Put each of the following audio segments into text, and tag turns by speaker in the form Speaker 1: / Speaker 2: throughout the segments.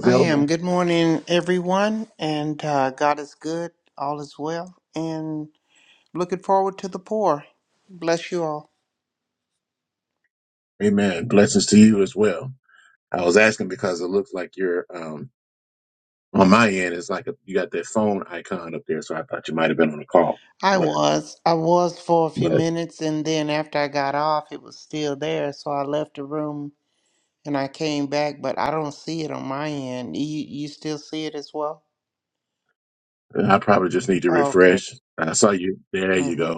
Speaker 1: I am. Good morning, everyone. And uh, God is good. All is well. And looking forward to the poor. Bless you all. I Well, was. I was for a few minutes. And then after I got off, it was still there. So I left the room and I came back. But I don't see it on my end. You, you still see it as well? Okay. Mm-hmm.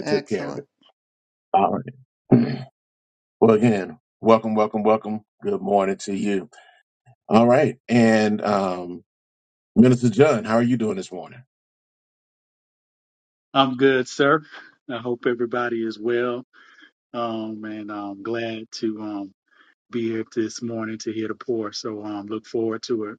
Speaker 1: Excellent.
Speaker 2: I'm good, sir. I hope everybody is well. Um, and I'm glad to um, be here this morning to hear the pour. So um, look forward to it.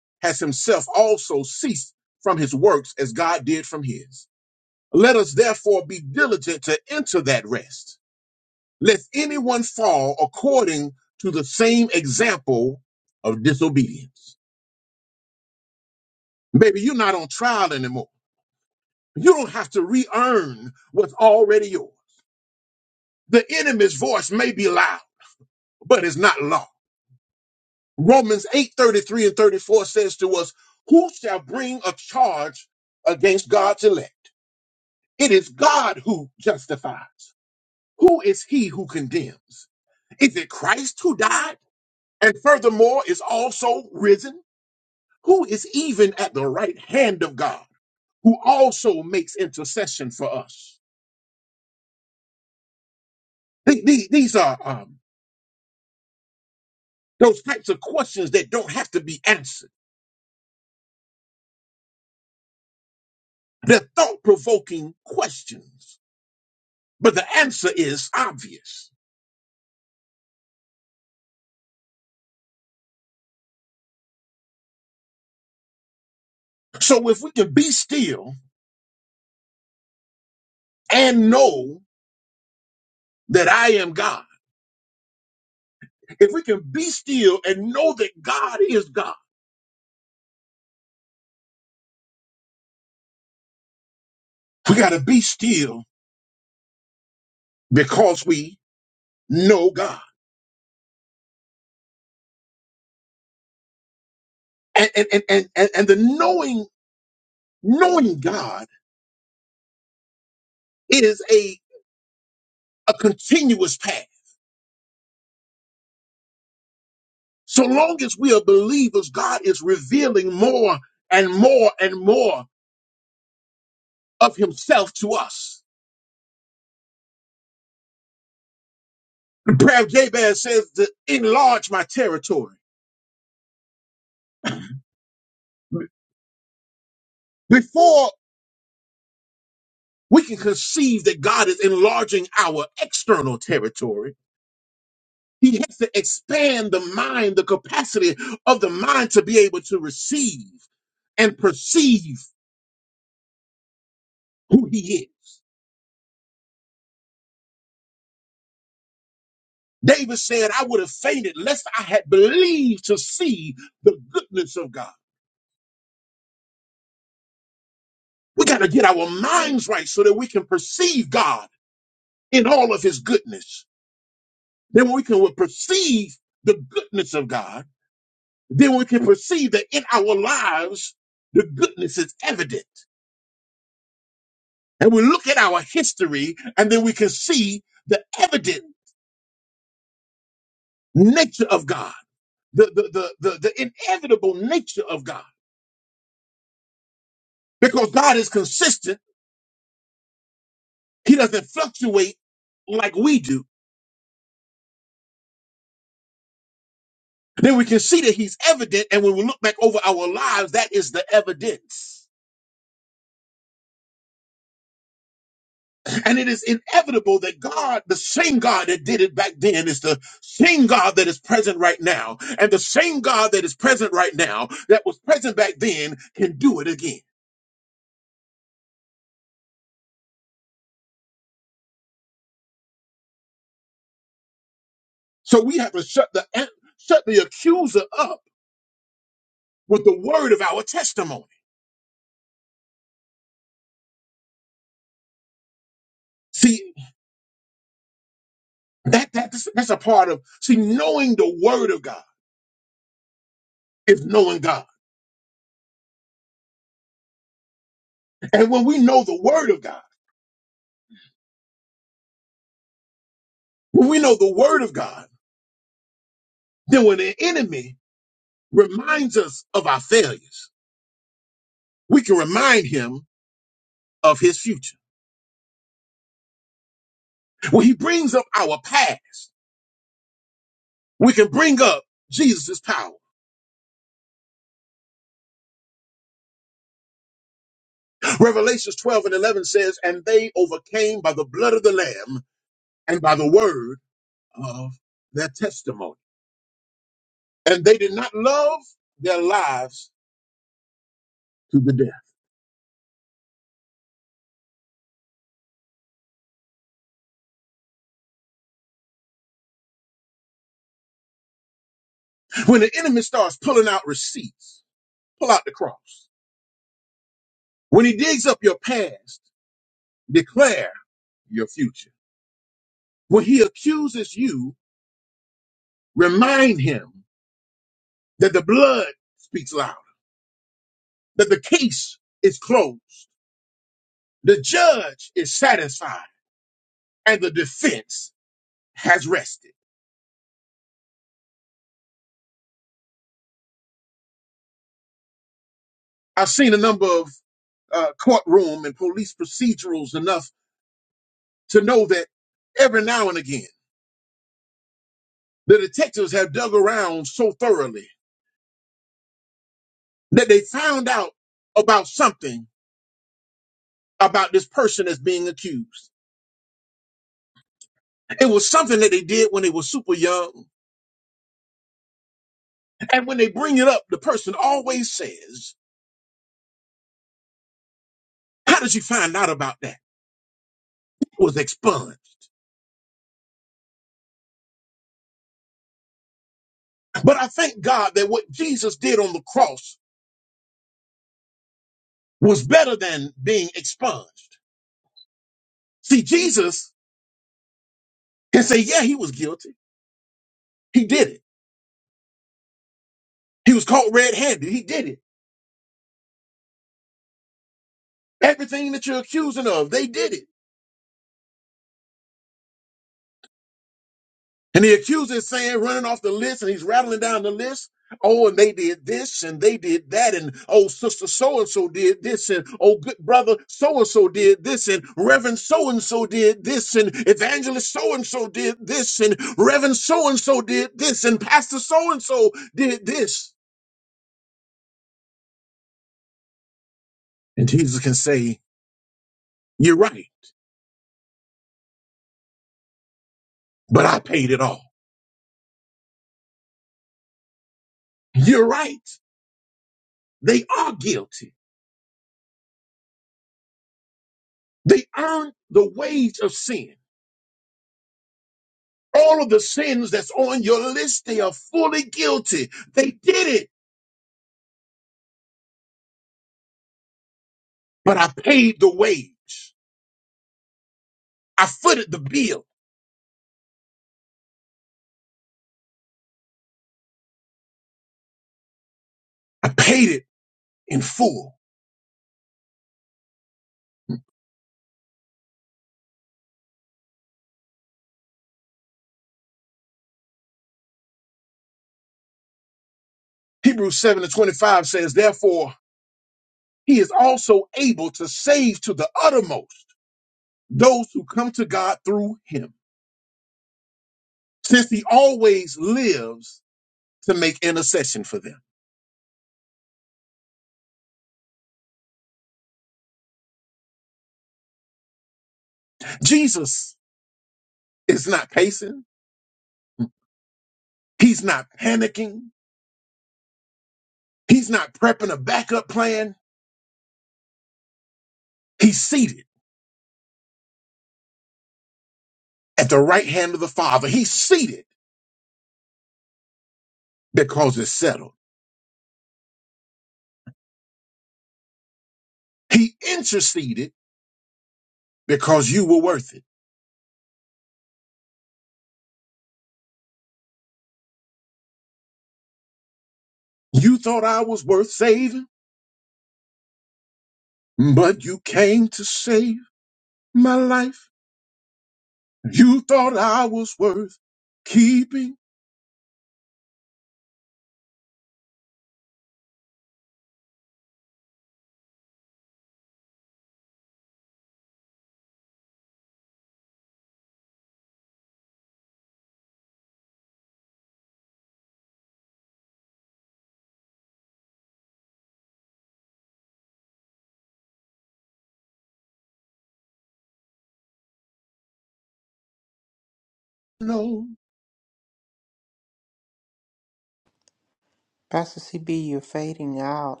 Speaker 1: Pastor CB, you're fading out.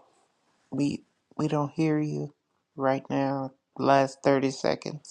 Speaker 1: We, we don't hear you right now. Last 30 seconds.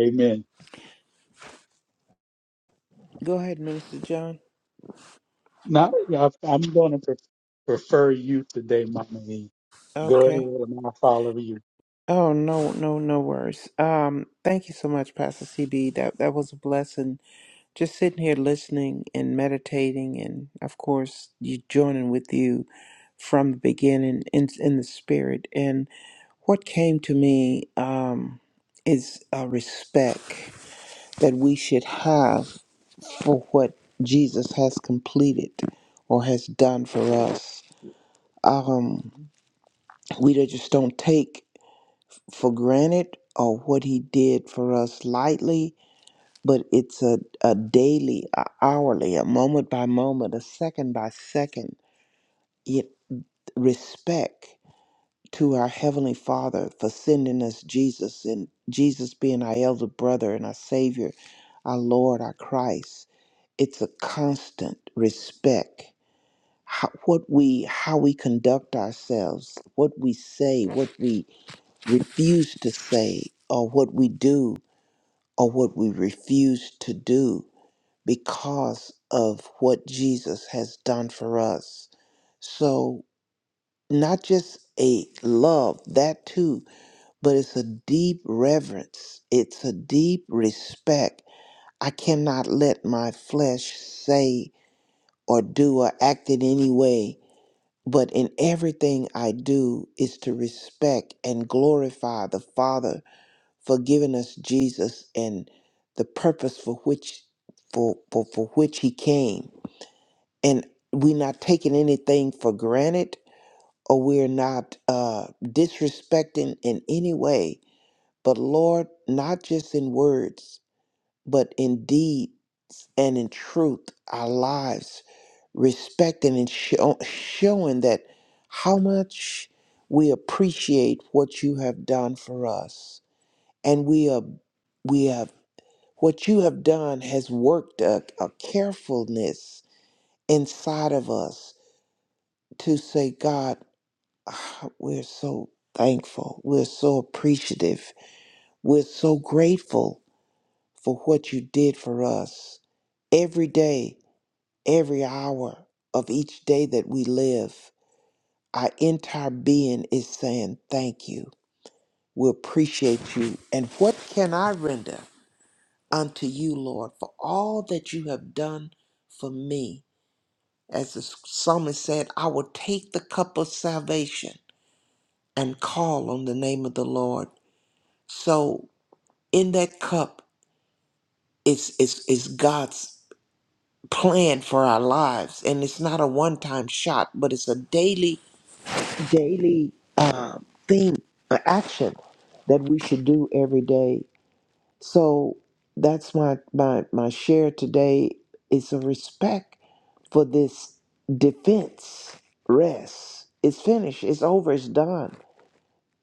Speaker 2: Amen.
Speaker 1: Go ahead, Minister John.
Speaker 2: Now, I- I'm going to pre- prefer you today, Mama. E. Go ahead
Speaker 1: Okay.
Speaker 2: and I'll follow you.
Speaker 1: Oh no, no, no worries. Um, thank you so much, Pastor CB. That that was a blessing. Just sitting here listening and meditating, and of course, you joining with you from the beginning in in the spirit. And what came to me um, is a respect that we should have for what Jesus has completed or has done for us. Um, we just don't take for granted or what he did for us lightly, but it's a, a daily, a hourly, a moment by moment, a second by second it respect to our Heavenly Father for sending us Jesus and Jesus being our elder brother and our Savior, our Lord, our Christ. It's a constant respect. How, what we how we conduct ourselves, what we say, what we refuse to say, or what we do or what we refuse to do because of what Jesus has done for us. So, not just a love, that too, but it's a deep reverence, it's a deep respect. I cannot let my flesh say or do or act in any way, but in everything I do is to respect and glorify the Father for giving us Jesus and the purpose for which for, for, for which he came. And we're not taking anything for granted or we're not uh, disrespecting in any way. But Lord, not just in words, but in deed and in truth, our lives, respecting and show, showing that how much we appreciate what you have done for us. And we are we have What you have done has worked a, a carefulness inside of us to say, God, ah, we're so thankful. We're so appreciative. We're so grateful for what you did for us every day, every hour of each day that we live, our entire being is saying, Thank you. We appreciate you. And what can I render unto you, Lord, for all that you have done for me? As the psalmist said, I will take the cup of salvation and call on the name of the Lord. So in that cup is is is God's plan for our lives. And it's not a one-time shot, but it's a daily, daily uh, thing, uh, action that we should do every day. So that's my my my share today is a respect for this defense rest. It's finished. It's over. It's done.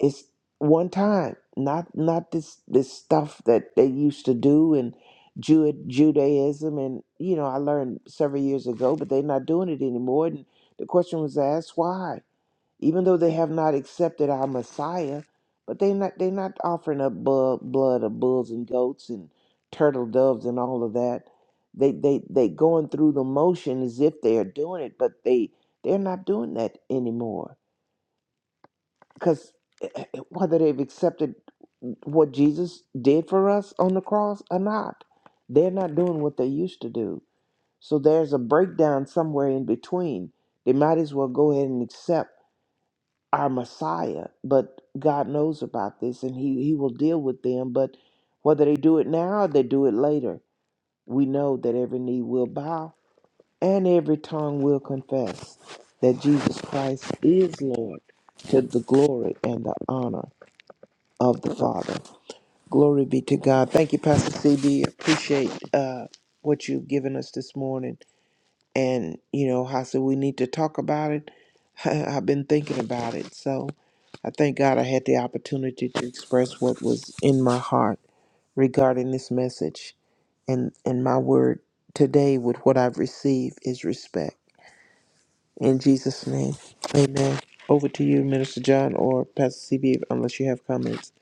Speaker 1: It's one time. Not not this this stuff that they used to do in Ju- Judaism and you know I learned several years ago, but they're not doing it anymore. And the question was asked why, even though they have not accepted our Messiah, but they not they're not offering up bu- blood of bulls and goats and turtle doves and all of that. They they they going through the motion as if they are doing it, but they they're not doing that anymore because whether they've accepted what Jesus did for us on the cross or not, they're not doing what they used to do. So there's a breakdown somewhere in between. They might as well go ahead and accept our Messiah, but God knows about this and he, he will deal with them. But whether they do it now or they do it later, we know that every knee will bow and every tongue will confess that Jesus Christ is Lord to the glory and the honor of the Father. Glory be to God. Thank you, Pastor CB. Appreciate uh, what you've given us this morning. And, you know, I said, we need to talk about it. I've been thinking about it. So I thank God I had the opportunity to express what was in my heart regarding this message. And, and my word today with what I've received is respect. In Jesus' name, amen. Over to you, Minister John or Pastor CB, unless you have comments.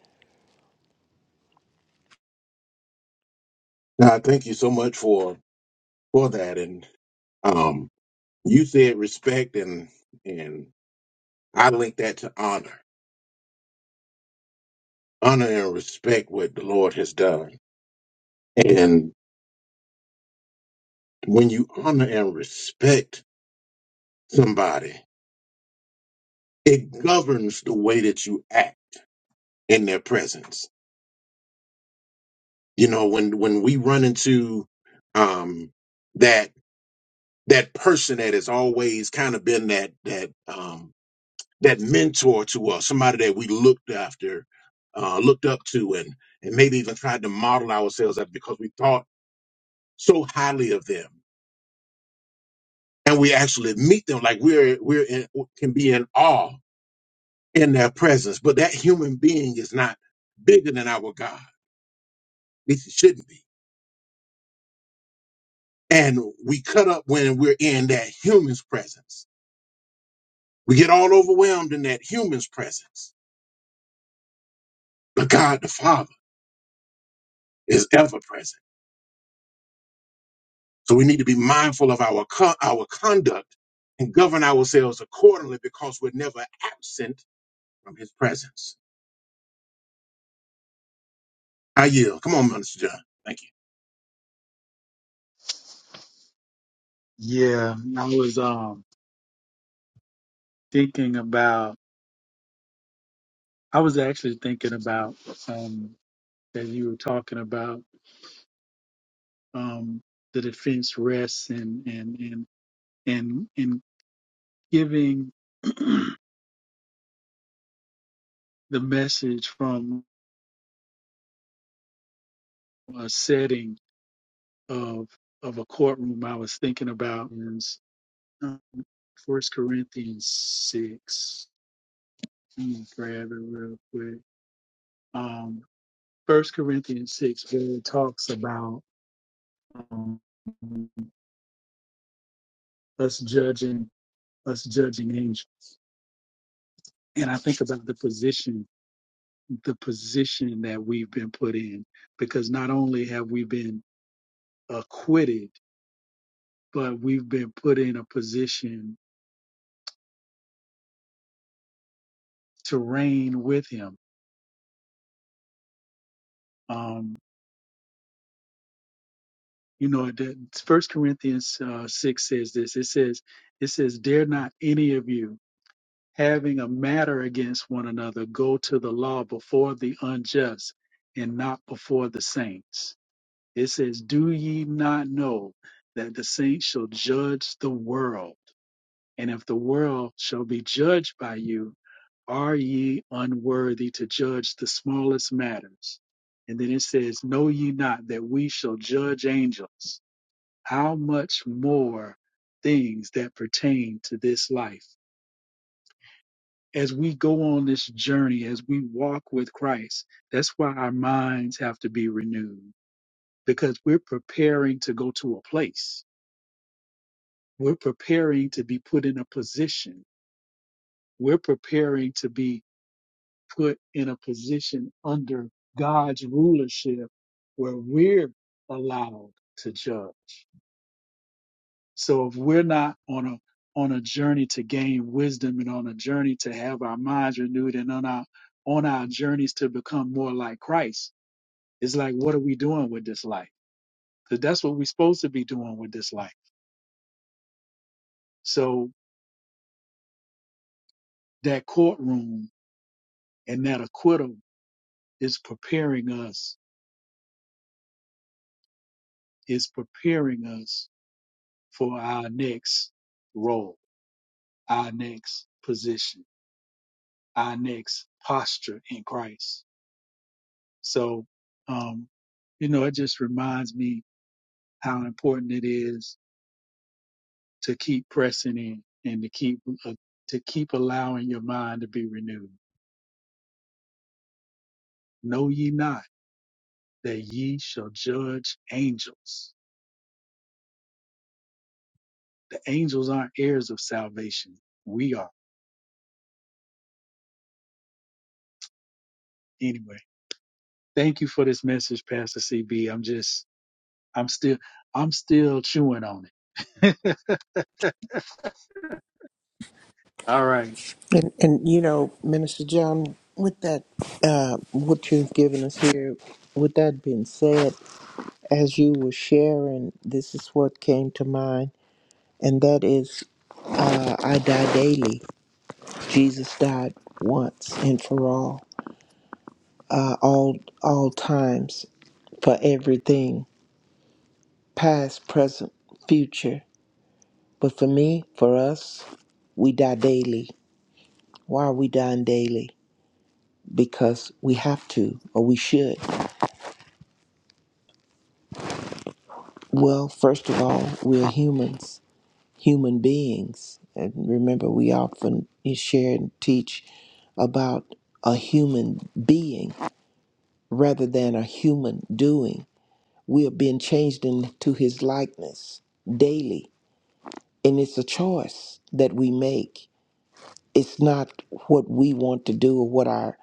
Speaker 2: Yeah, I was um, thinking about, I was actually thinking about um, that you were talking about um, the defense rests and, and, and, and, and giving. the message from a setting of of a courtroom I was thinking about is um, First Corinthians six. Let me grab it real quick. Um, First Corinthians six where it talks about um, us judging us judging angels. And I think about the position, the position that we've been put in, because not only have we been acquitted, but we've been put in a position to reign with him. Um, you know, the First Corinthians uh, six says this. It says, "It says, dare not any of you, having a matter against one another, go to the law before the unjust, and not before the saints." It says, "Do ye not know that the saints shall judge the world?" And if the world shall be judged by you, are ye unworthy to judge the smallest matters? And then it says, Know ye not that we shall judge angels? How much more things that pertain to this life? As we go on this journey, as we walk with Christ, that's why our minds have to be renewed because we're preparing to go to a place. We're preparing to be put in a position. We're preparing to be put in a position under God's rulership where we're allowed to judge. So if we're not on a on a journey to gain wisdom and on a journey to have our minds renewed and on our on our journeys to become more like Christ, it's like what are we doing with this life? Because that's what we're supposed to be doing with this life. So that courtroom and that acquittal is preparing us, is preparing us for our next role. our next position, our next posture in Christ. So, um, you know, it just reminds me how important it is to keep pressing in and to keep uh, to keep allowing your mind to be renewed. Know ye not that ye shall judge angels. The angels aren't heirs of salvation. We are anyway. Thank you for this message, Pastor CB. I'm just, I'm still, I'm still chewing on it. All right. right.
Speaker 1: And, and you know, Minister John, with that, uh, what you've given us here, with that being said, as you were sharing, this is what came to mind, and that is uh, I die daily. Jesus died once and for all, uh, all, all times, for everything, past, present, future. But for me, for us, we die daily. Why are we dying daily? Because we have to, or we should. Well, first of all, we're humans, human beings. And remember, we often share and teach about a human being rather than a human doing. We are being changed into his likeness daily. And it's a choice that we make. It's not what we want to do or what our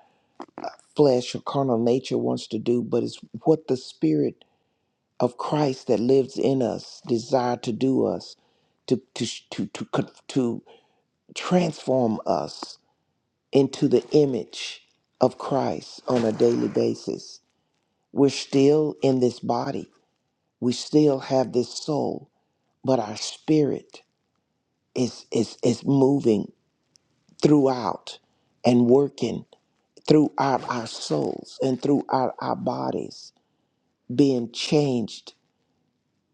Speaker 1: flesh or carnal nature wants to do, but it's what the spirit of Christ that lives in us desire to do us, to to to to, con- to transform us into the image of Christ on a daily basis We're still in this body. We still have this soul, but our spirit is is is moving throughout and working throughout our souls and throughout our bodies, being changed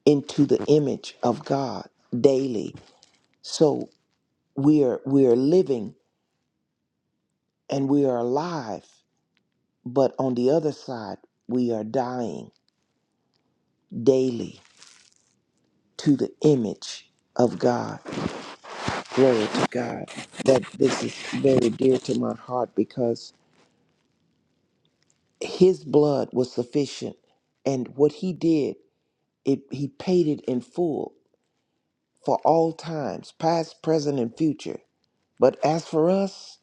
Speaker 1: into the image of God daily. So we are we are living and we are alive, but on the other side, we are dying daily to the image of God. glory to God, that this is very dear to my heart because his blood was sufficient. And what he did, it, he paid it in full for all times, past, present, and future. But as for us,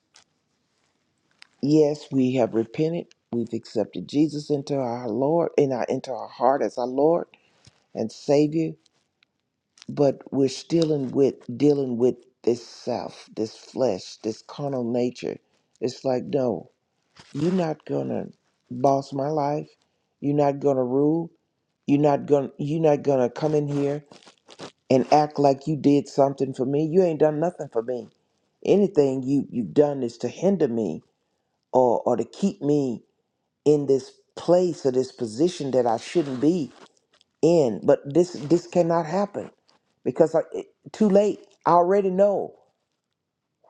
Speaker 1: yes, we have repented. We've accepted Jesus into our Lord, in our into our heart as our Lord and Savior. But we're still in with dealing with this self, this flesh, this carnal nature. It's like no, You're not gonna boss my life. You're not gonna rule. You're not gonna you're not gonna come in here and act like you did something for me. You ain't done nothing for me. Anything you you've done is to hinder me or or to keep me in this place or this position that I shouldn't be in. But this this cannot happen because I, it, too late. I already know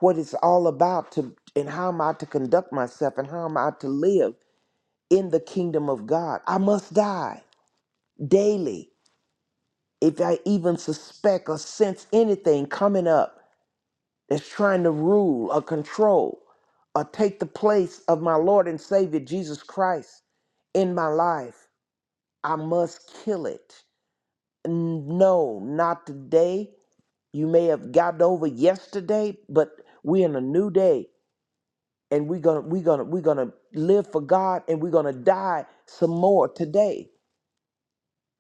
Speaker 1: what it's all about to and how am I to conduct myself and how am I to live in the kingdom of God. I must die daily if I even suspect or sense anything coming up that's trying to rule or control or take the place of my Lord and Savior Jesus Christ in my life. I must kill it. N- No, not today. You may have gotten over yesterday, but we're in a new day and we're gonna we're gonna we're gonna live for God and we're gonna die some more today.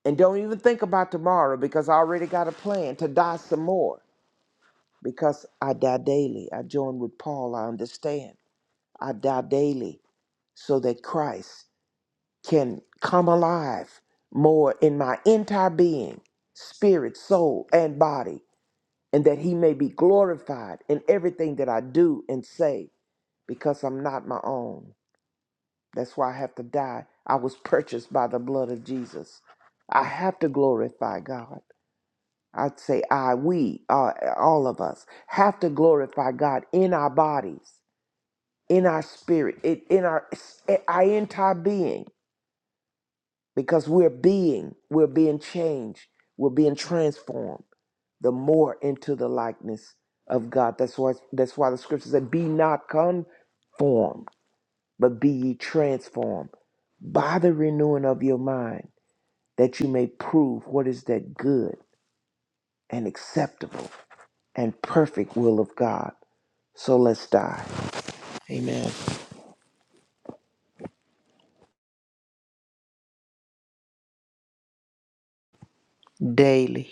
Speaker 1: And don't even think about tomorrow because I already got a plan to die some more because I die daily. I join with Paul, I understand. I die daily so that Christ can come alive more in my entire being, spirit, soul, and body, and that he may be glorified in everything that I do and say because I'm not my own. That's why I have to die. I was purchased by the blood of Jesus. I have to glorify God. I'd say I, we, uh, all of us have to glorify God in our bodies, in our spirit, in, in our, our entire being, because we're being, we're being changed, we're being transformed the more into the likeness of God. That's why, that's why the scripture said, be not conformed, but be ye transformed by the renewing of your mind, that you may prove what is that good and acceptable and perfect will of God. So let's die. Amen. Daily.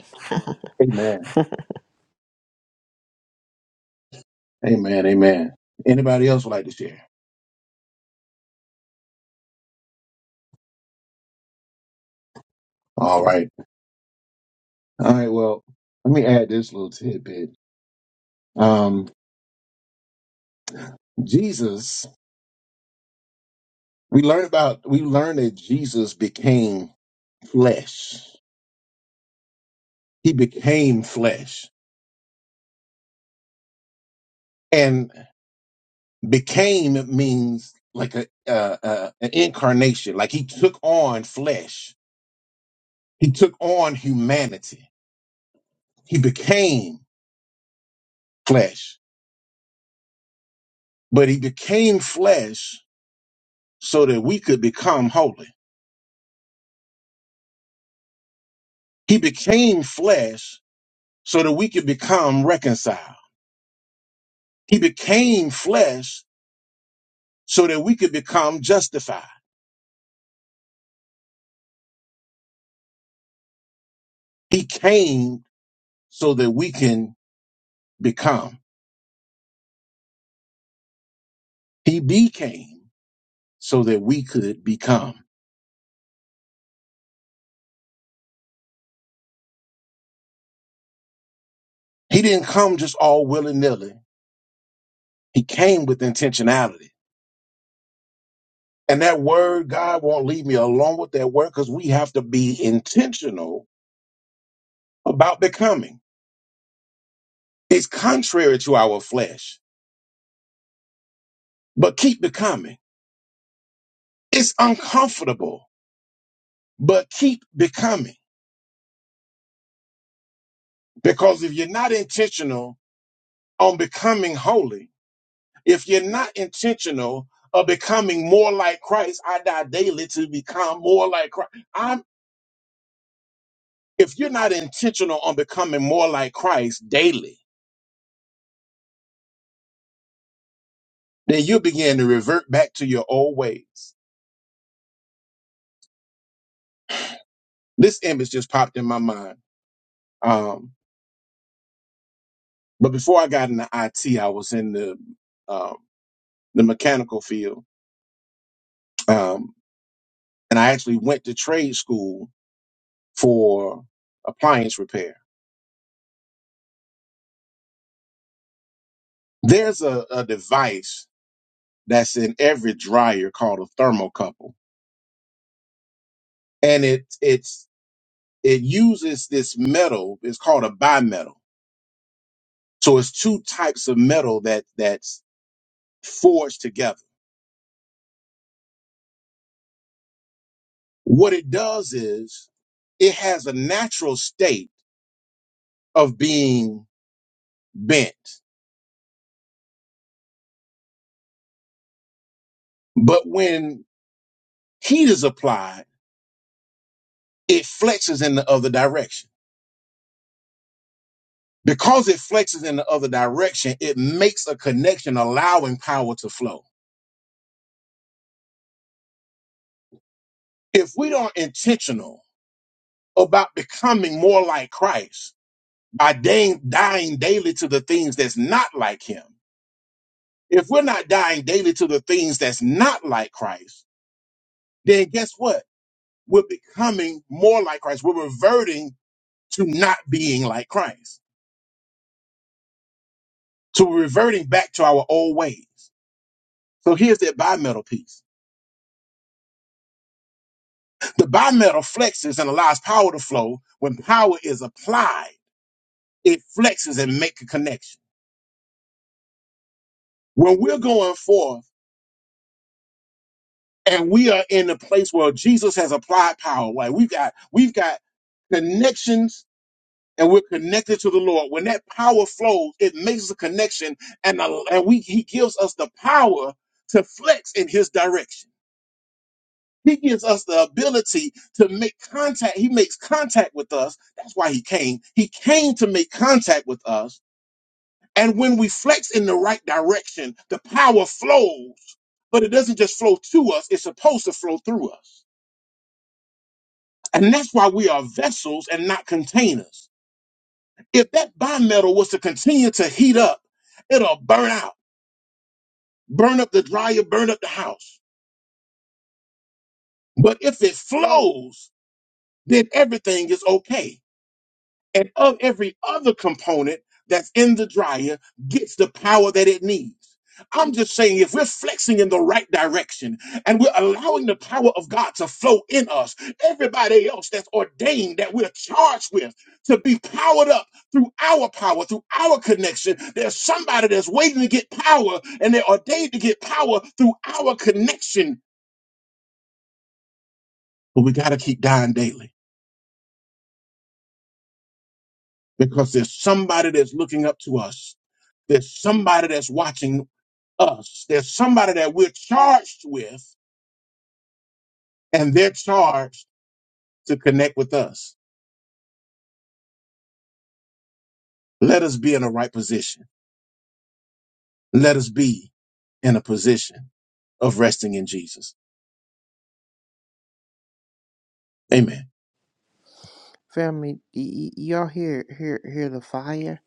Speaker 1: Family, y- y- y'all hear hear hear the fire?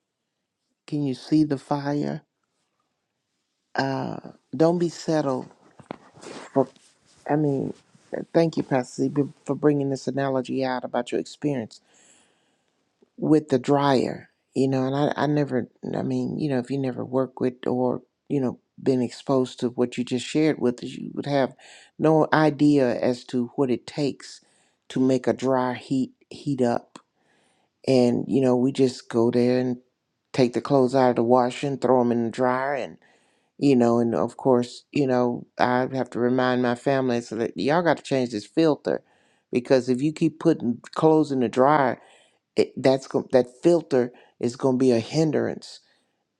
Speaker 1: Can you see the fire? Uh don't be settled for I mean, thank you Pastor Z b- for bringing this analogy out about your experience with the dryer. You know, and I I never I mean, you know, if you never work with or, you know, been exposed to what you just shared with us, you would have no idea as to what it takes to make a dry heat heat up and you know we just go there and take the clothes out of the washer and throw them in the dryer and you know and of course you know i have to remind my family so that y'all got to change this filter because if you keep putting clothes in the dryer it, that's go- that filter is going to be a hindrance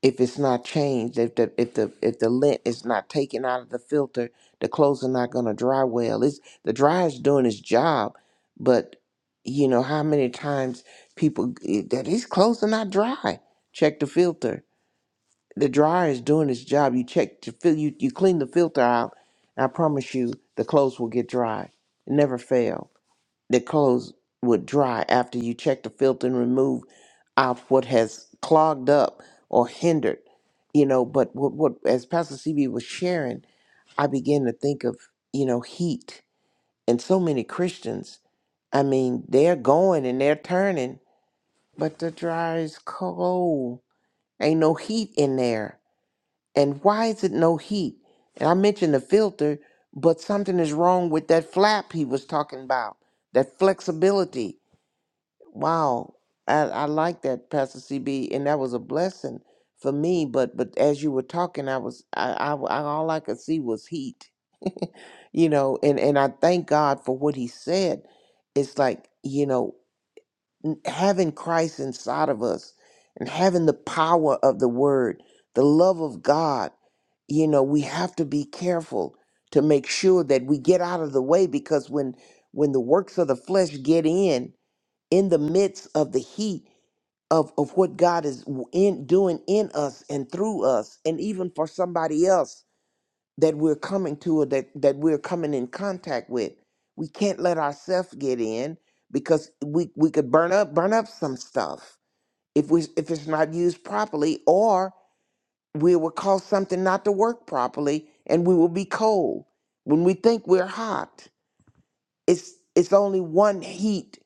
Speaker 1: if it's not changed, if the if the if the lint is not taken out of the filter, the clothes are not gonna dry well. It's the dryer's doing its job, but you know how many times people eh, that these clothes are not dry. Check the filter. The dryer is doing its job. You check to fill you you clean the filter out. I promise you, the clothes will get dry. It never fail their clothes would dry after you check the filth and remove out what has clogged up or hindered, you know. But what, what as Pastor CB was sharing, I began to think of, you know, heat. And so many Christians, I mean, they're going and they're turning, but the dryer is cold. Ain't no heat in there. And why is it no heat? And I mentioned the filter, but something is wrong with that flap he was talking about, that flexibility. Wow, I, I like that, Pastor CB, and that was a blessing for me. But but as you were talking, I was I, I, I all I could see was heat, you know. And and I thank God for what He said. It's like you know n- having Christ inside of us, and having the power of the Word, the love of God. You know, we have to be careful to make sure that we get out of the way because when when the works of the flesh get in in the midst of the heat of of what God is w- in doing in us and through us, and even for somebody else that we're coming to or that that we're coming in contact with. We can't let ourselves get in because we we could burn up burn up some stuff if we if it's not used properly, or we will cause something not to work properly, and we will be cold when we think we're hot. It's it's only one heat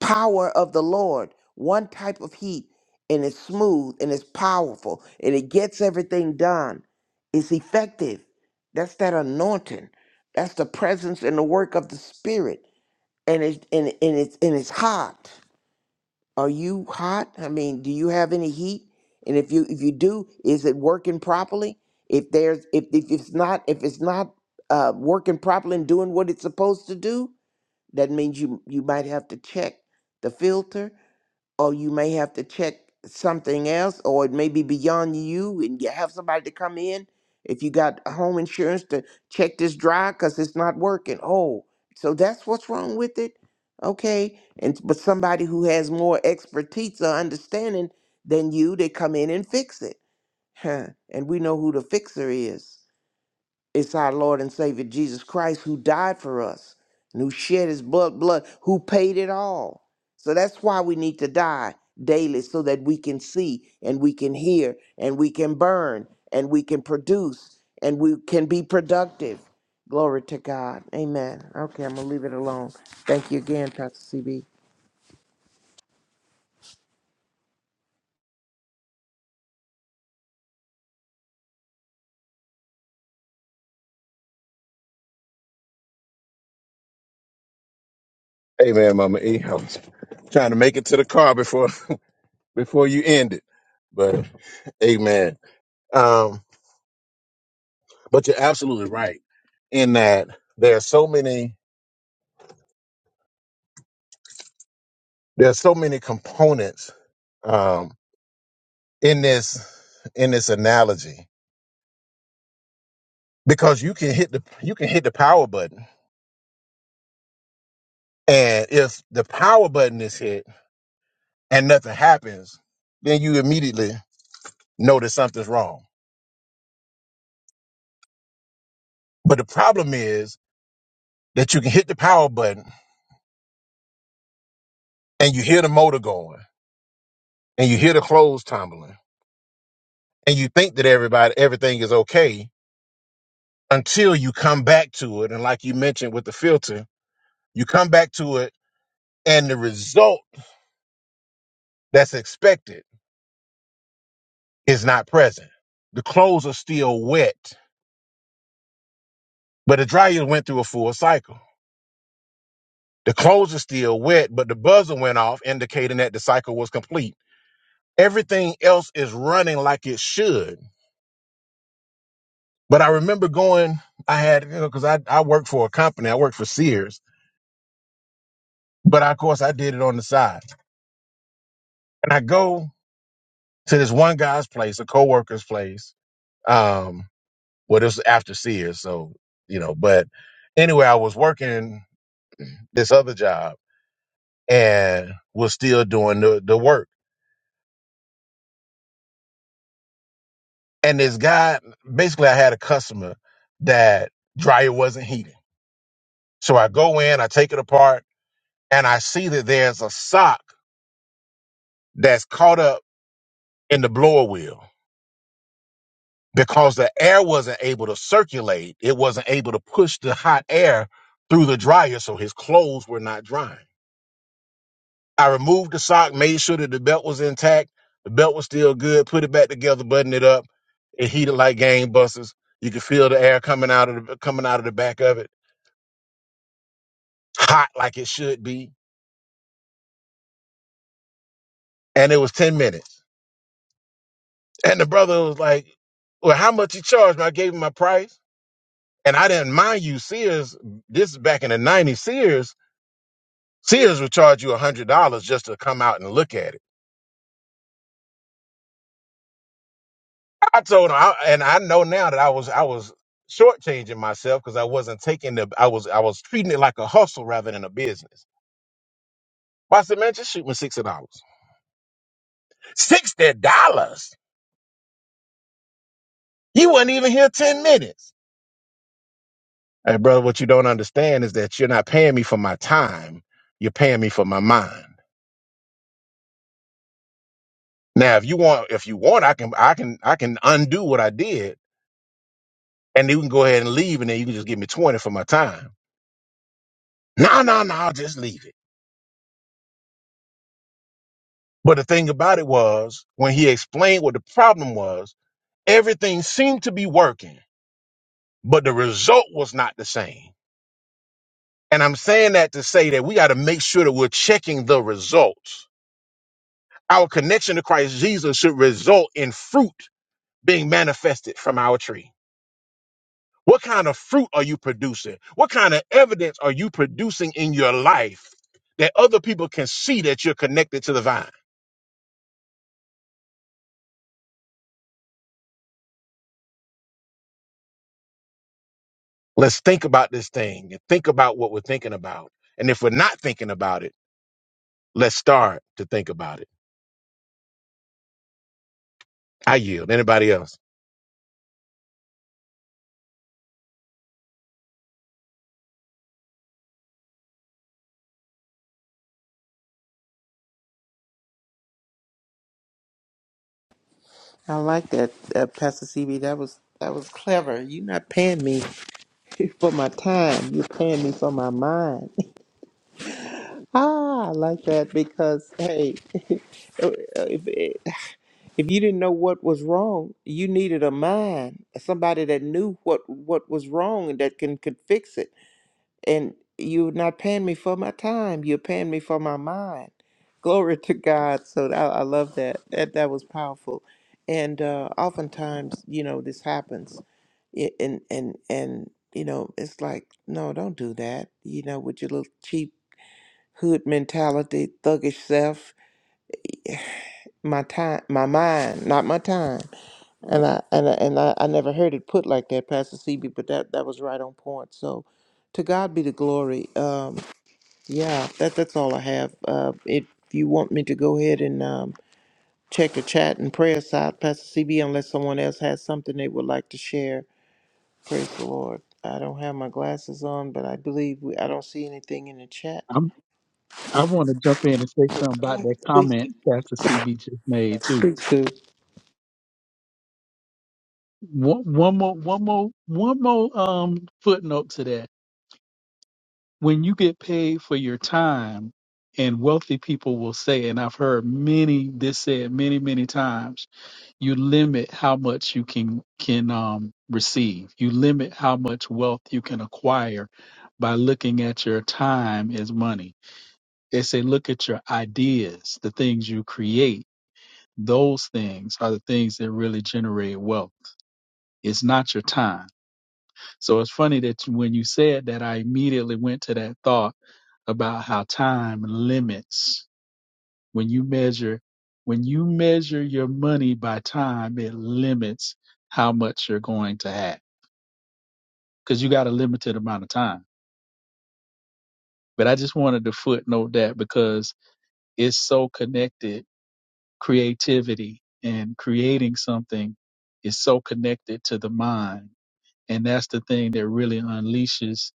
Speaker 1: power of the Lord, one type of heat, and it's smooth and it's powerful and it gets everything done. It's effective. That's that anointing. That's the presence and the work of the Spirit. And it and, and it's and it's hot. Are you hot? I mean, do you have any heat? And if you if you do, is it working properly? If there's if, if it's not if it's not uh, working properly and doing what it's supposed to do, that means you you might have to check the filter or you may have to check something else, or it may be beyond you, and you have somebody to come in. If you got a home insurance to check this dry because it's not working. Oh, so that's what's wrong with it. Okay, and but somebody who has more expertise or understanding than you, they come in and fix it. Huh. And we know who the fixer is. It's our Lord and Savior Jesus Christ who died for us and who shed his blood, blood, who paid it all. So that's why we need to die daily so that we can see and we can hear and we can burn and we can produce and we can be productive. Glory to God. Amen. Okay, I'm going to leave it alone. Thank you again, Pastor CB. I like that, uh, Pastor CB. That was that was clever. You're not paying me for my time. You're paying me for my mind. Ah, I like that because hey, if eh, if you didn't know what was wrong, you needed a mind, somebody that knew what what was wrong and that can could fix it. And you're not paying me for my time; you're paying me for my mind. Glory to God. So I, I love that. That that was powerful. And uh, oftentimes, you know, this happens. It, and and and you know, it's like, no, don't do that. You know, with your little cheap hood mentality, thuggish self, my time, my mind, not my time. And I and I, and I, I never heard it put like that, Pastor CB, but that that was right on point. So, to God be the glory. Um, yeah, that that's all I have. Uh, if you want me to go ahead and um, check the chat and prayer side, Pastor CB, unless someone else has something they would like to share, praise the Lord. I don't have my glasses on, but I believe we, I don't see anything in the chat.
Speaker 2: I'm. I want to jump in and say something
Speaker 1: Go
Speaker 2: about
Speaker 1: ahead,
Speaker 2: that
Speaker 1: please do.
Speaker 2: comment Pastor CB just made too.
Speaker 1: Please do.
Speaker 2: One, one more, one more, one more um, footnote to that. When you get paid for your time, and wealthy people will say, and I've heard many this said many, many times, you limit how much you can can um, receive. You limit how much wealth you can acquire by looking at your time as money. They say, look at your ideas, the things you create Those things are the things that really generate wealth. It's not your time. So it's funny that you- when you said that, I immediately went to that thought about how time limits when you measure when you measure your money by time it limits how much you're going to have because you got a limited amount of time but i just wanted to footnote that because it's so connected creativity and creating something is so connected to the mind and that's the thing that really unleashes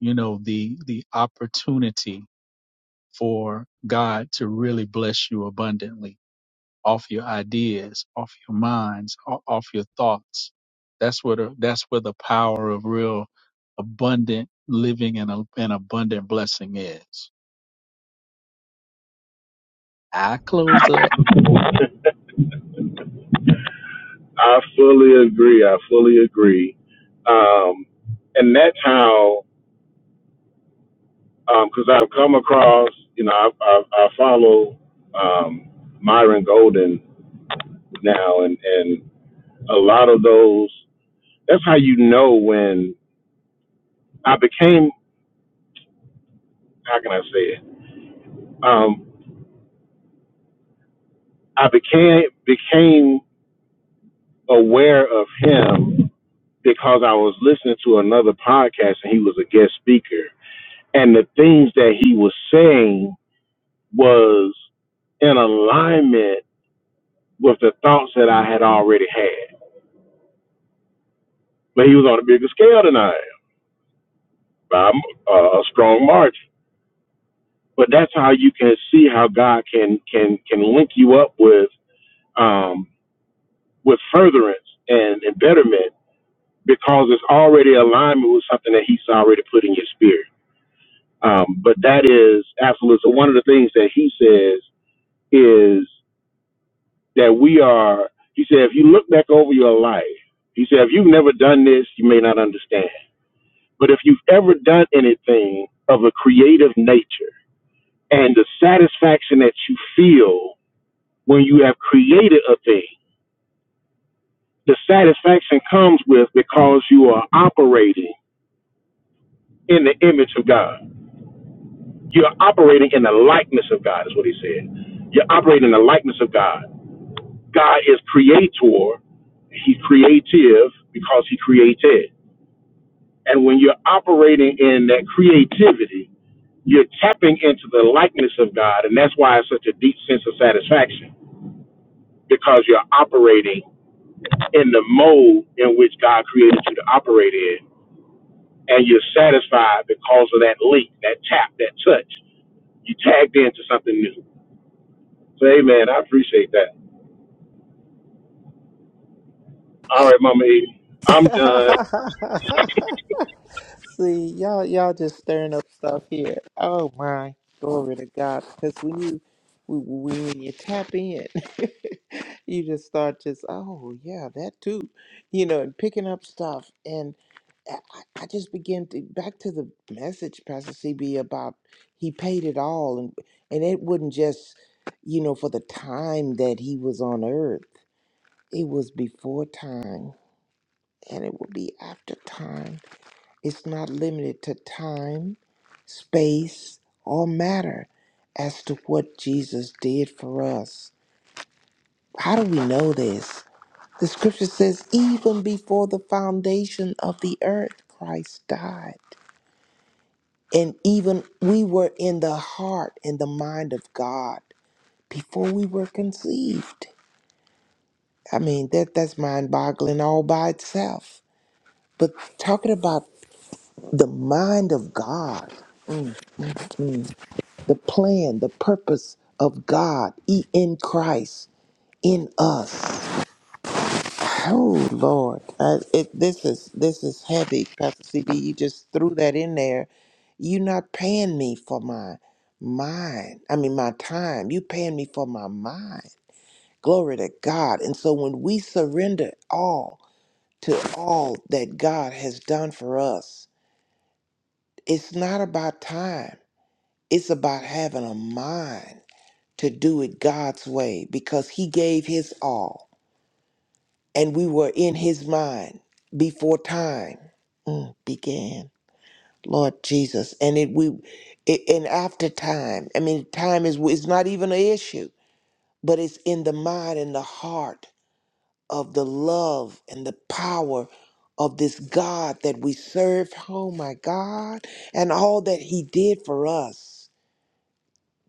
Speaker 2: you know the the opportunity for god to really bless you abundantly off your ideas off your minds o- off your thoughts that's where the, that's where the power of real abundant living and, a, and abundant blessing is i close up
Speaker 3: I fully agree. I fully agree. Um, and that's how, because I've come across, you know, I, I, I follow um, Myron Golden now, and, and a lot of those, that's how you know when I became, how can I say it? Um, I became, became aware of him because I was listening to another podcast and he was a guest speaker. And the things that he was saying was in alignment with the thoughts that I had already had. But he was on a bigger scale than I am by a m- uh, a strong margin. But that's how you can see how God can can can link you up with um, with furtherance and, and betterment because it's already alignment with something that He's already put in your spirit. Um, but that is absolutely So one of the things that He says is. that we are, he said, if you look back over your life, he said, if you've never done this, you may not understand. But if you've ever done anything of a creative nature and the satisfaction that you feel when you have created a thing, the satisfaction comes with because you are operating in the image of God. You're operating in the likeness of God, is what he said. You're operating in the likeness of God. God is creator, he's creative because he created. And when you're operating in that creativity, you're tapping into the likeness of God. And that's why it's such a deep sense of satisfaction because you're operating in the mode in which God created you to operate in. And you're satisfied because of that link, that tap, that touch. You tagged into something new. So, amen. I appreciate that. All right, Mama E. I'm done.
Speaker 1: See, y'all, y'all just stirring up stuff here. Oh my, glory to God! Because when you, when when- you tap in, you just start just, oh yeah, that too, you know, and picking up stuff. And I, I I just began to back to the message, Pastor CB, about he paid it all, and and it wasn't just, you know, for the time that he was on earth. It was before time and it will be after time. It's not limited to time, space, or matter as to what Jesus did for us. How do we know this? The scripture says, even before the foundation of the earth, Christ died. And even we were in the heart and the mind of God before we were conceived. I mean, that, that's mind boggling all by itself. But talking about the mind of God. hmm, the plan, the purpose of God e- in Christ in us. Oh Lord, I, it, this is this is heavy, Pastor CB. You just threw that in there. You're not paying me for my mind. I mean, my time. You paying me for my mind. Glory to God. And so when we surrender all to all that God has done for us, it's not about time. It's about having a mind. to do it God's way because He gave His all and we were in His mind before time mm, began. Lord Jesus, and it we, it, and after time. I mean, time is it's not even an issue, but it's in the mind and the heart of the love and the power of this God that we serve. Oh my God, and all that He did for us.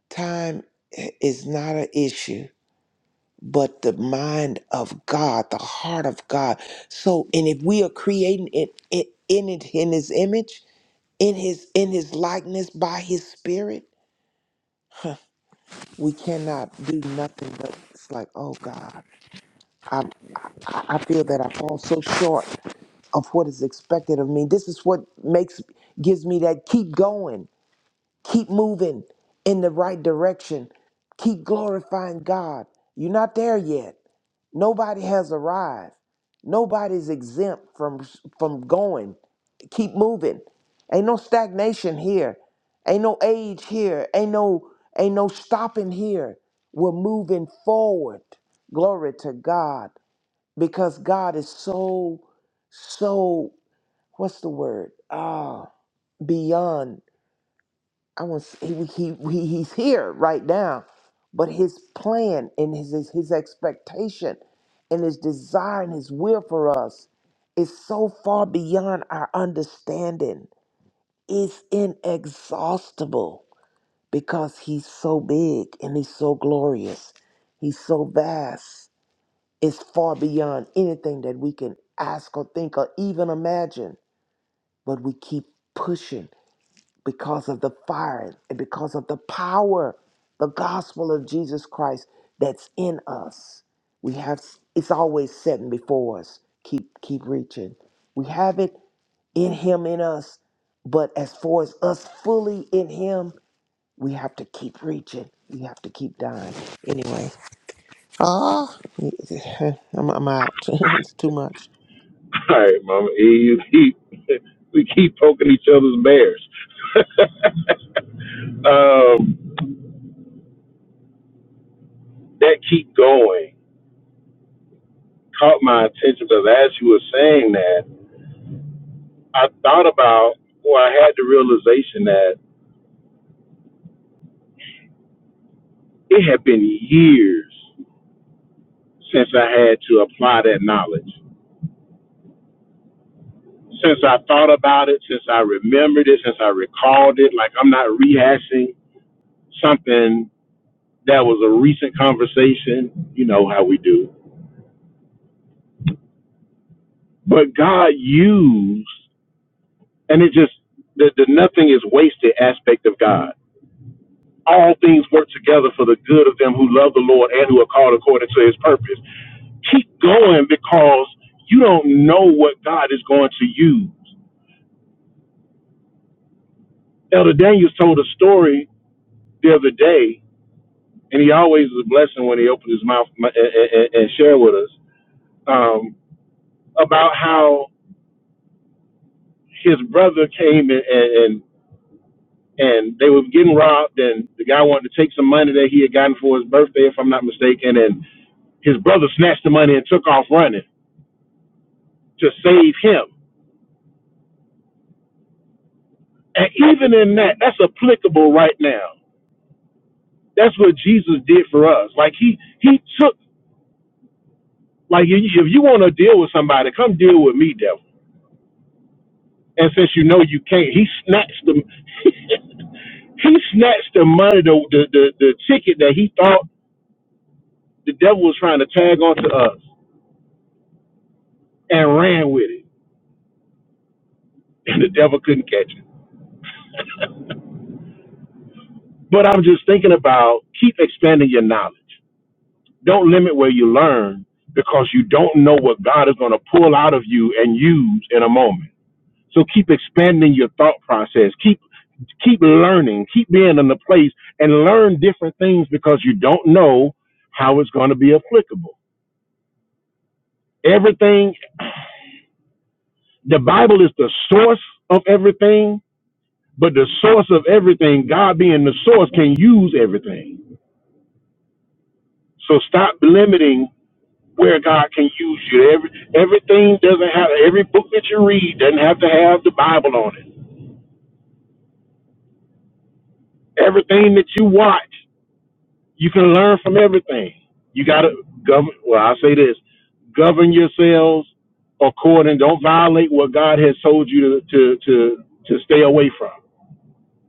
Speaker 1: Time eh, is not an issue but the mind of God, the heart of God. So, and if we are creating it, it in it in His image, in His in His likeness by His Spirit, we cannot do nothing but it's like, oh God, I I I feel that I fall so short of what is expected of me. This is what makes gives me that keep going, keep moving in the right direction, keep glorifying God. You're not there yet Nobody has arrived. Nobody's exempt from from going. Keep moving. Ain't no stagnation here. Ain't no age here. Ain't no ain't no stopping here. We're moving forward. Glory to God because God is so so what's the word? Ah, beyond I want he, he he he's here right now, but his plan and his his his expectation and his desire and his will for us is so far beyond our understanding. It's inexhaustible because he's so big and he's so glorious. He's so vast. It's far beyond anything that we can ask or think or even imagine. But we keep pushing because of the fire and because of the power, the gospel of Jesus Christ that's in us. We have it's always setting before us. Keep keep reaching. We have it in him in us, but as far as us fully in him, we have to keep reaching. We have to keep dying. Anyway, ah, I'm, I'm out. it's too much.
Speaker 3: All right, Mama E. You keep, we keep poking each other's bears. um, that keep going caught my attention because as you were saying that, I thought about or I had the realization that it had been years since I had to apply that knowledge. Since I thought about it, since I remembered it, since I recalled it, like I'm not rehashing something that was a recent conversation, you know how we do. But God used, and it just, the, the nothing is wasted aspect of God all things work together for the good of them who love the Lord and who are called according to his purpose. Keep going because you don't know what God is going to use. Elder Daniels told a story the other day, and he always is a blessing when he opens his mouth and, and, and share with us um, about how his brother came and, and and they were getting robbed, and the guy wanted to take some money that he had gotten for his birthday, if I'm not mistaken, and his brother snatched the money and took off running to save him. And even in that, that's applicable right now. That's what Jesus did for us. Like he he took like if you if you want to deal with somebody, come deal with me, devil. And since you know you can't, he snatched the he snatched the money, the, the the the ticket that he thought the devil was trying to tag onto us, and ran with it. And the devil couldn't catch it. But I'm just thinking about keep expanding your knowledge. Don't limit where you learn because you don't know what God is going to pull out of you and use in a moment So keep expanding your thought process. Keep keep learning. Keep being in the place and learn different things because you don't know how it's going to be applicable. Everything the Bible is the source of everything, but the source of everything, God being the source, can use everything. So stop limiting where God can use you. Every, everything doesn't have every book that you read doesn't have to have the Bible on it. Everything that you watch You can learn from everything. You got to govern. Well, I say this: govern yourselves according. Don't violate what God has told you to to to, to stay away from.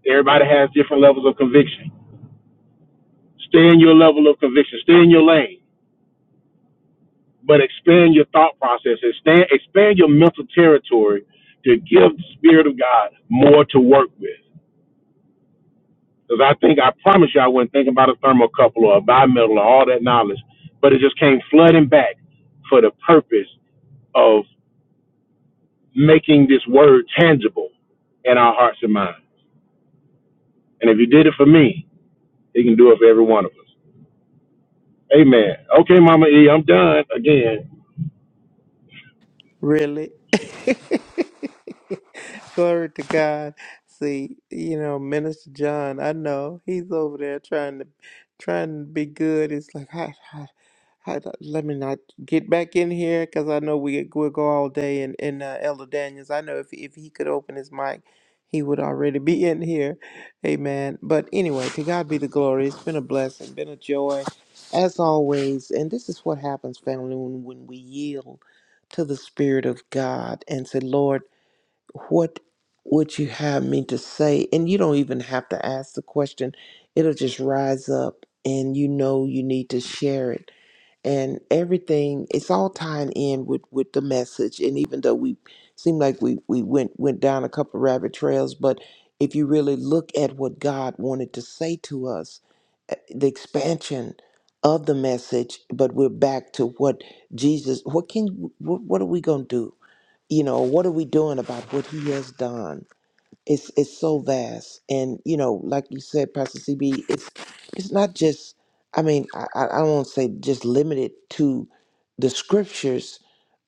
Speaker 3: Everybody has different levels of conviction. Stay in your level of conviction. Stay in your lane, but expand your thought process. and Stand. expand your mental territory to give the Spirit of God more to work with. Because I think, I promise you, I wasn't thinking about a thermocouple or a bimetal or all that knowledge. But it just came flooding back for the purpose of making this word tangible in our hearts and minds. And if you did it for me, he can do it for every one of us. Amen. Okay, Mama E, I'm done again.
Speaker 1: Really? Glory to God. See, you know, Minister John, I know he's over there trying to trying to be good. It's like, I, I, I, let me not get back in here because I know we we'll go all day. And and uh, Elder Daniels, I know if if he could open his mic, he would already be in here. Amen. But anyway, to God be the glory. It's been a blessing, been a joy, as always. And this is what happens, family, when when we yield to the Spirit of God and say, Lord, what would you have me to say? And you don't even have to ask the question, it'll just rise up and you know you need to share it. And everything, it's all tying in with, with the message. And even though we seem like we, we went, went down a couple rabbit trails, but if you really look at what God wanted to say to us, eh, the expansion of the message, but we're back to what Jesus, what can, what, what are we going to do? you know what are we doing about what he has done it's it's so vast and you know like you said pastor cb it's it's not just i mean i i I don't want to say just limited to the scriptures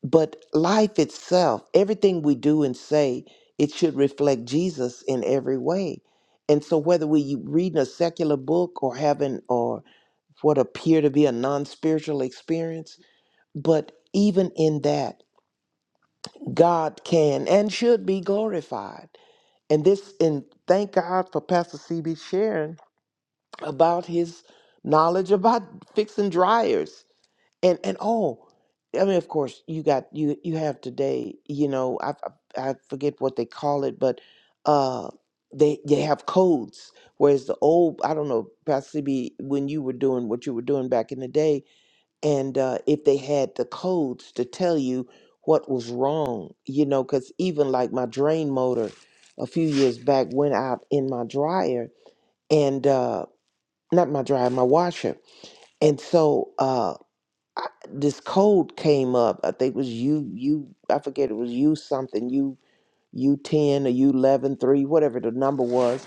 Speaker 1: but life itself everything we do and say it should reflect jesus in every way and so whether we reading a secular book or having or what appear to be a non-spiritual experience but even in that God can and should be glorified. And this, and thank God for Pastor CB sharing about his knowledge about fixing dryers and and oh, I mean, of course, you got you you have today. You know, I I, I forget what they call it, but uh, they they have codes. Whereas the old, I don't know, Pastor CB, when you were doing what you were doing back in the day, and uh, if they had the codes to tell you what was wrong, you know, because even like my drain motor a few years back went out in my dryer and uh, not my dryer, my washer, and so uh, I, this code came up. I think it was U U. I forget it was U something, U U ten or U eleven three, whatever the number was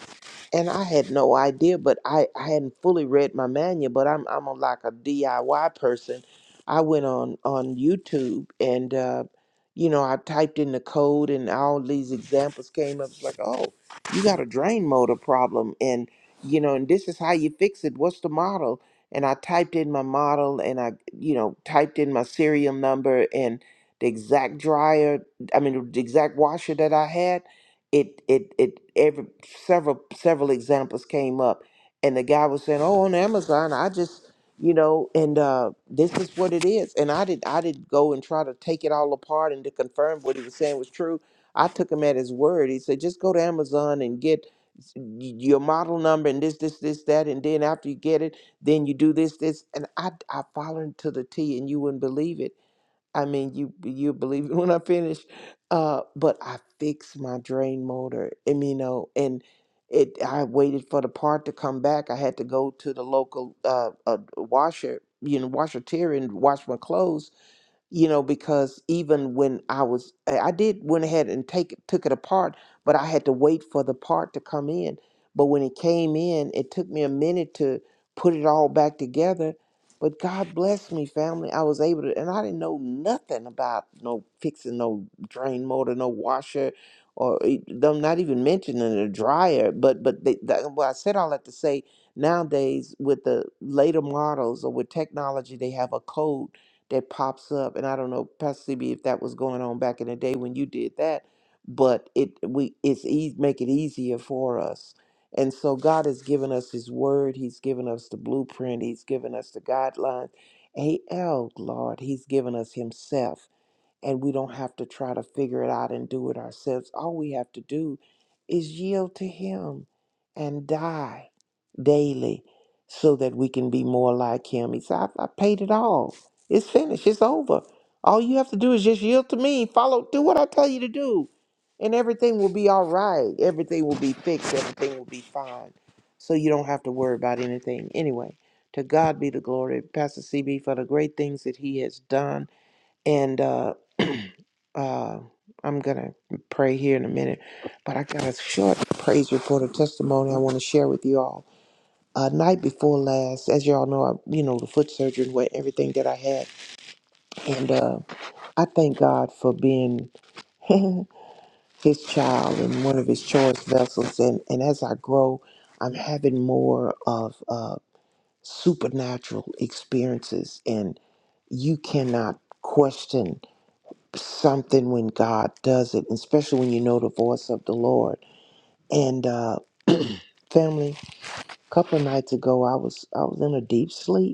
Speaker 1: and I had no idea, but I, I hadn't fully read my manual, but I'm I'm a, like a DIY person. I went on on YouTube and uh, you know, I typed in the code and all these examples came up. It's like, oh, you got a drain motor problem and you know, and this is how you fix it. What's the model? And I typed in my model and I, you know, typed in my serial number and the exact dryer, I mean the exact washer that I had it it it every several several examples came up and the guy was saying oh on amazon i just you know and uh this is what it is and i did i did go and try to take it all apart and to confirm what he was saying was true i took him at his word he said just go to amazon and get s- y- your model number and this this this that and then after you get it then you do this this and i i followed to the t and you wouldn't believe it I mean, you you believe it when I finish. Uh, but I fixed my drain motor, and you know, and it. I waited for the part to come back. I had to go to the local uh, uh washer, you know, washer tear and wash my clothes you know because even when i was i I did went ahead and take took it apart but i had to wait for the part to come in but when it came in it took me a minute to put it all back together but god bless me family i was able to and i didn't know nothing about no fixing no drain motor no washer or e- them not even mentioning a dryer but but they, that, well i said all that to say nowadays with the later models or with technology they have a code that pops up. And I don't know, Pastor CB, if that was going on back in the day when you did that, but it we it's easy make it easier for us. And so God has given us His Word. He's given us the blueprint. He's given us the guidelines. AL, Lord, He's given us Himself and we don't have to try to figure it out and do it ourselves. All we have to do is yield to Him and die daily so that we can be more like Him. He said, I, I paid it all. It's finished. It's over. All you have to do is just yield to me. Follow, do what I tell you to do. And everything will be all right. Everything will be fixed. Everything will be fine. So you don't have to worry about anything. Anyway, to God be the glory, Pastor CB, for the great things that He has done. And uh, Uh, I'm gonna pray here in a minute, but I got a short praise report and testimony I want to share with you all. Uh, night before last, as y'all know, I, you know the foot surgery went everything that I had, and uh, I thank God for being his child and one of his choice vessels. And, and as I grow, I'm having more of uh, supernatural experiences, and you cannot question something when God does it, especially when you know the voice of the Lord. And uh, family, a couple of nights ago, I was I was in a deep sleep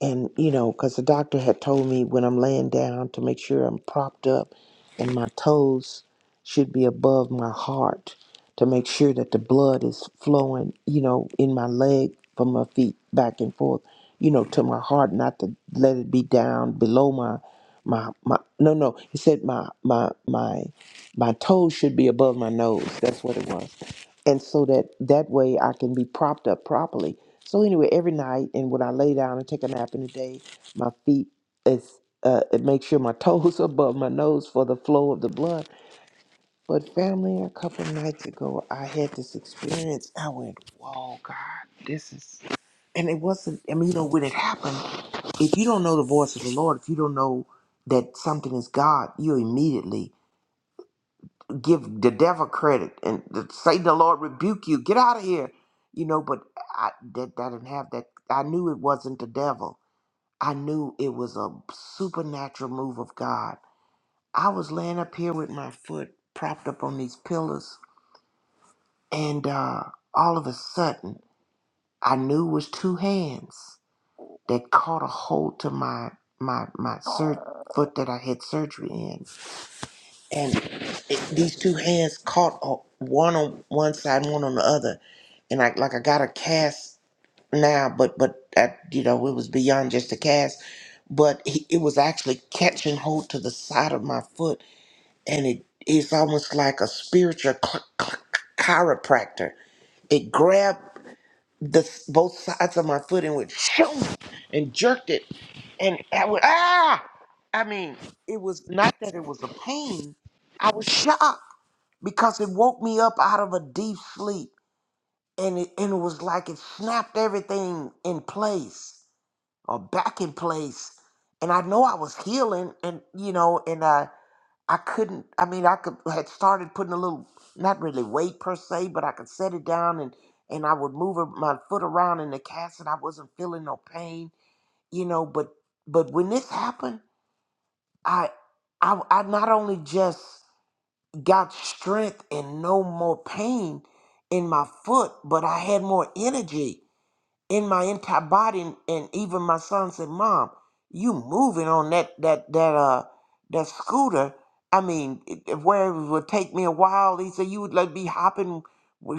Speaker 1: and you know because the doctor had told me when i'm laying down to make sure i'm propped up and my toes should be above my heart to make sure that the blood is flowing you know in my leg from my feet back and forth you know to my heart not to let it be down below my my my no no he said my my my my toes should be above my nose that's what it was and so that that way i can be propped up properly so anyway, every night, and when I lay down and take a nap in the day, my feet is uh, it makes sure my toes above my nose for the flow of the blood. But family, a couple nights ago, I had this experience. I went, "Whoa, God, this is," and it wasn't. I mean, you know, when it happened, if you don't know the voice of the Lord, if you don't know that something is God, you immediately give the devil credit and say, "The Lord rebuke you. Get out of here." You know, but I that, that didn't have that. I knew it wasn't the devil I knew it was a supernatural move of God. I was laying up here with my foot propped up on these pillars, and uh, all of a sudden, I knew it was two hands that caught a hold to my my my sur- foot that I had surgery in, and it, these two hands caught a one on one side, and one on the other, and I like I got a cast. now, but but that you know it was beyond just a cast, but he, it was actually catching hold to the side of my foot, and it it's almost like a spiritual cl- cl- chiropractor. It grabbed the s- both sides of my foot and went shoo and jerked it, and I went ah. I mean, it was not that it was a pain. I was shocked because it woke me up out of a deep sleep, and it and it was like it snapped everything in place or back in place. And I know I was healing and you know, and I I couldn't I mean I could had started putting a little not really weight per se, but I could set it down and and I would move my foot around in the cast and I wasn't feeling no pain, you know, but but when this happened, I I I not only just got strength and no more pain in my foot, but I had more energy in my entire body and, and even my son said mom you moving on that that that uh that scooter i mean it, it- where it would take me a while he said you would like be hopping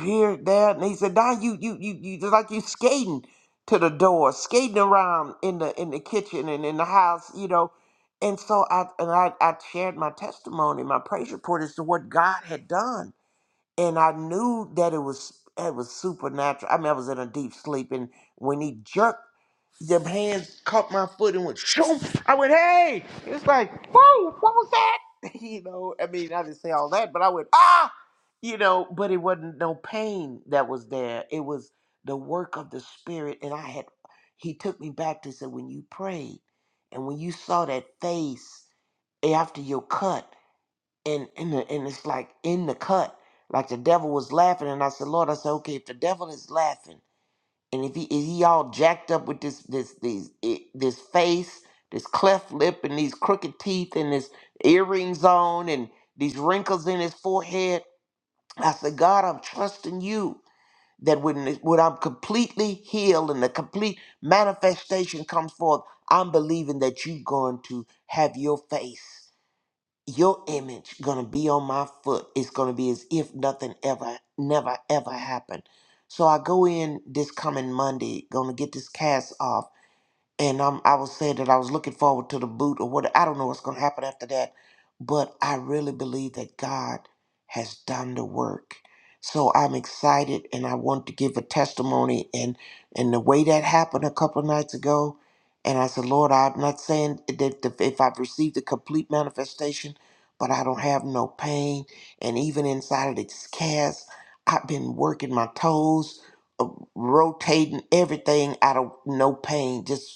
Speaker 1: here there and he said don you you you, you just like you skating to the door skating around in the in the kitchen and in the house you know and so i and i, I shared my testimony my praise report as to what god had done and I knew that it was it was supernatural. I mean, I was in a deep sleep, and when he jerked, the hands caught my foot and went shoom. I went, hey! It's like, whoa, what was that? You know, I mean, I didn't say all that, but I went, ah! You know, but it wasn't no pain that was there. It was the work of the Spirit, and I had. He took me back to say, when you prayed, and when you saw that face after your cut and and the, and it's like in the cut, like the devil was laughing, and I said, Lord, I said, okay, if the devil is laughing, and if he is he all jacked up with this this these i- this face, this cleft lip, and these crooked teeth, and his earrings on, and these wrinkles in his forehead, I said, God, I'm trusting you that when it- when I'm completely healed and the complete manifestation comes forth, I'm believing that you're going to have your face your image gonna be on my foot. It's gonna be as if nothing ever, never, ever happened. So I go in this coming Monday, gonna get this cast off and um, I was saying that I was looking forward to the boot or what. I don't know what's going to happen after that, but I really believe that God has done the work. So I'm excited, and I want to give a testimony. and And the way that happened a couple of nights ago, and I said, Lord, I'm not saying that the- if I've received a complete manifestation, but I don't have no pain, and even inside of this cast, I've been working my toes, uh, rotating everything out of no pain, just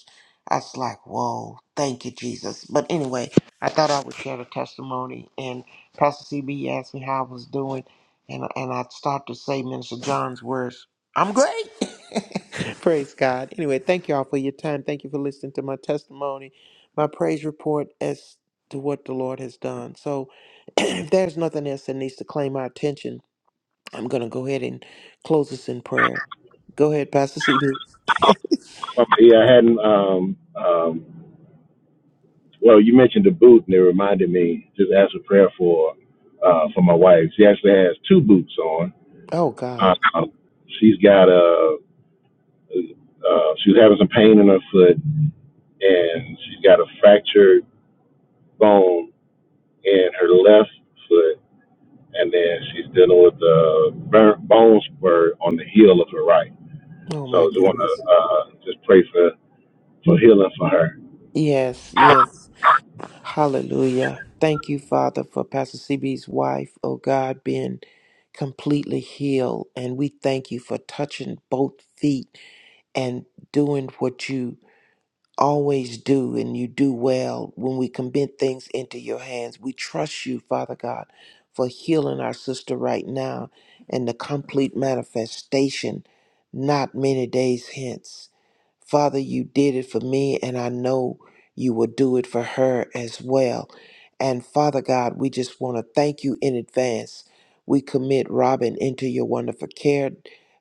Speaker 1: I was like, whoa, thank you, Jesus. But anyway, I thought I would share the testimony. And Pastor CB asked me how I was doing. And, and I started to say Minister John's words I'm great. Praise God. Anyway, thank you all for your time. Thank you for listening to my testimony, my praise report as to what the Lord has done. So if there's nothing else that needs to claim my attention, I'm going to go ahead and close this in prayer. Go ahead, Pastor CB.
Speaker 3: Mama E, I hadn't, um, um, well, you mentioned the boot, and it reminded me just ask a prayer for uh, for my wife. She actually has two boots on.
Speaker 1: Oh,
Speaker 3: Uh,
Speaker 1: God.
Speaker 3: she's got a. Uh, she was having some pain in her foot, and she's got a fractured bone in her left foot, and then she's dealing with a burn, bone spur on the heel of her right.
Speaker 1: Oh, my
Speaker 3: So just want
Speaker 1: goodness.
Speaker 3: to uh, just pray for for healing for her.
Speaker 1: Yes, yes. Hallelujah. Thank you, Father, for Pastor CB's wife, oh God, being completely healed. And we thank you for touching both feet and doing what you always do and you do well when we commit things into your hands. We trust you, Father God, for healing our sister right now and the complete manifestation not many days hence. Father, you did it for me, and I know you will do it for her as well. And Father God, we just want to thank you in advance. We commit Robin into your wonderful care,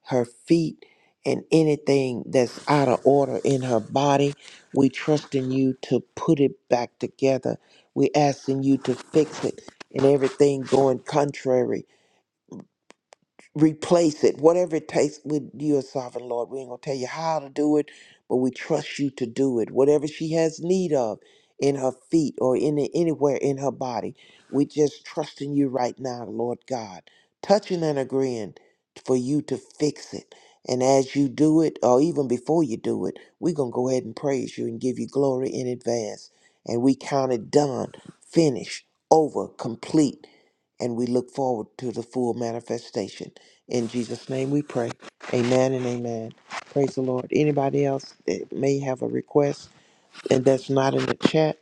Speaker 1: her feet, and anything that's out of order in her body we trust in you to put it back together. We asking you to fix it and everything going contrary replace it, whatever it takes with your sovereign Lord. We ain't gonna tell you how to do it, but we trust you to do it. Whatever she has need of in her feet or in anywhere in her body, we just trusting you right now, Lord God, touching and agreeing for you to fix it. And as you do it, or even before you do it, we're gonna go ahead and praise you and give you glory in advance. And we count it done, finished, over, complete, and we look forward to the full manifestation. In Jesus' name we pray. Amen and amen. Praise the Lord. Anybody else that may have a request and that's not in the chat,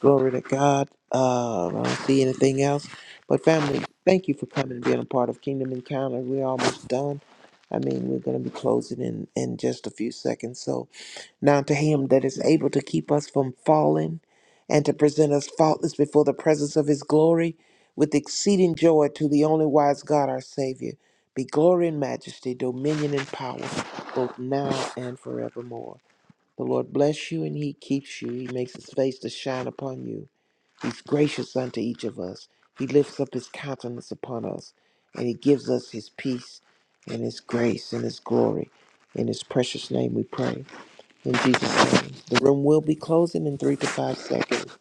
Speaker 1: glory to God. Uh, I don't see anything else. But family, thank you for coming and being a part of Kingdom Encounter. We're almost done. I mean, we're going to be closing in, in just a few seconds. So now to him that is able to keep us from falling and to present us faultless before the presence of his glory with exceeding joy to the only wise God our Savior, be glory and majesty, dominion and power, both now and forevermore. The Lord bless you and he keeps you. He makes his face to shine upon you. He's gracious unto each of us. He lifts up his countenance upon us and he gives us his peace and his grace and his glory. In his precious name we pray. In Jesus' name. The room will be closing in three to five seconds.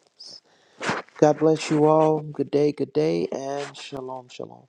Speaker 1: God bless you all. Good day, good day, and shalom, shalom.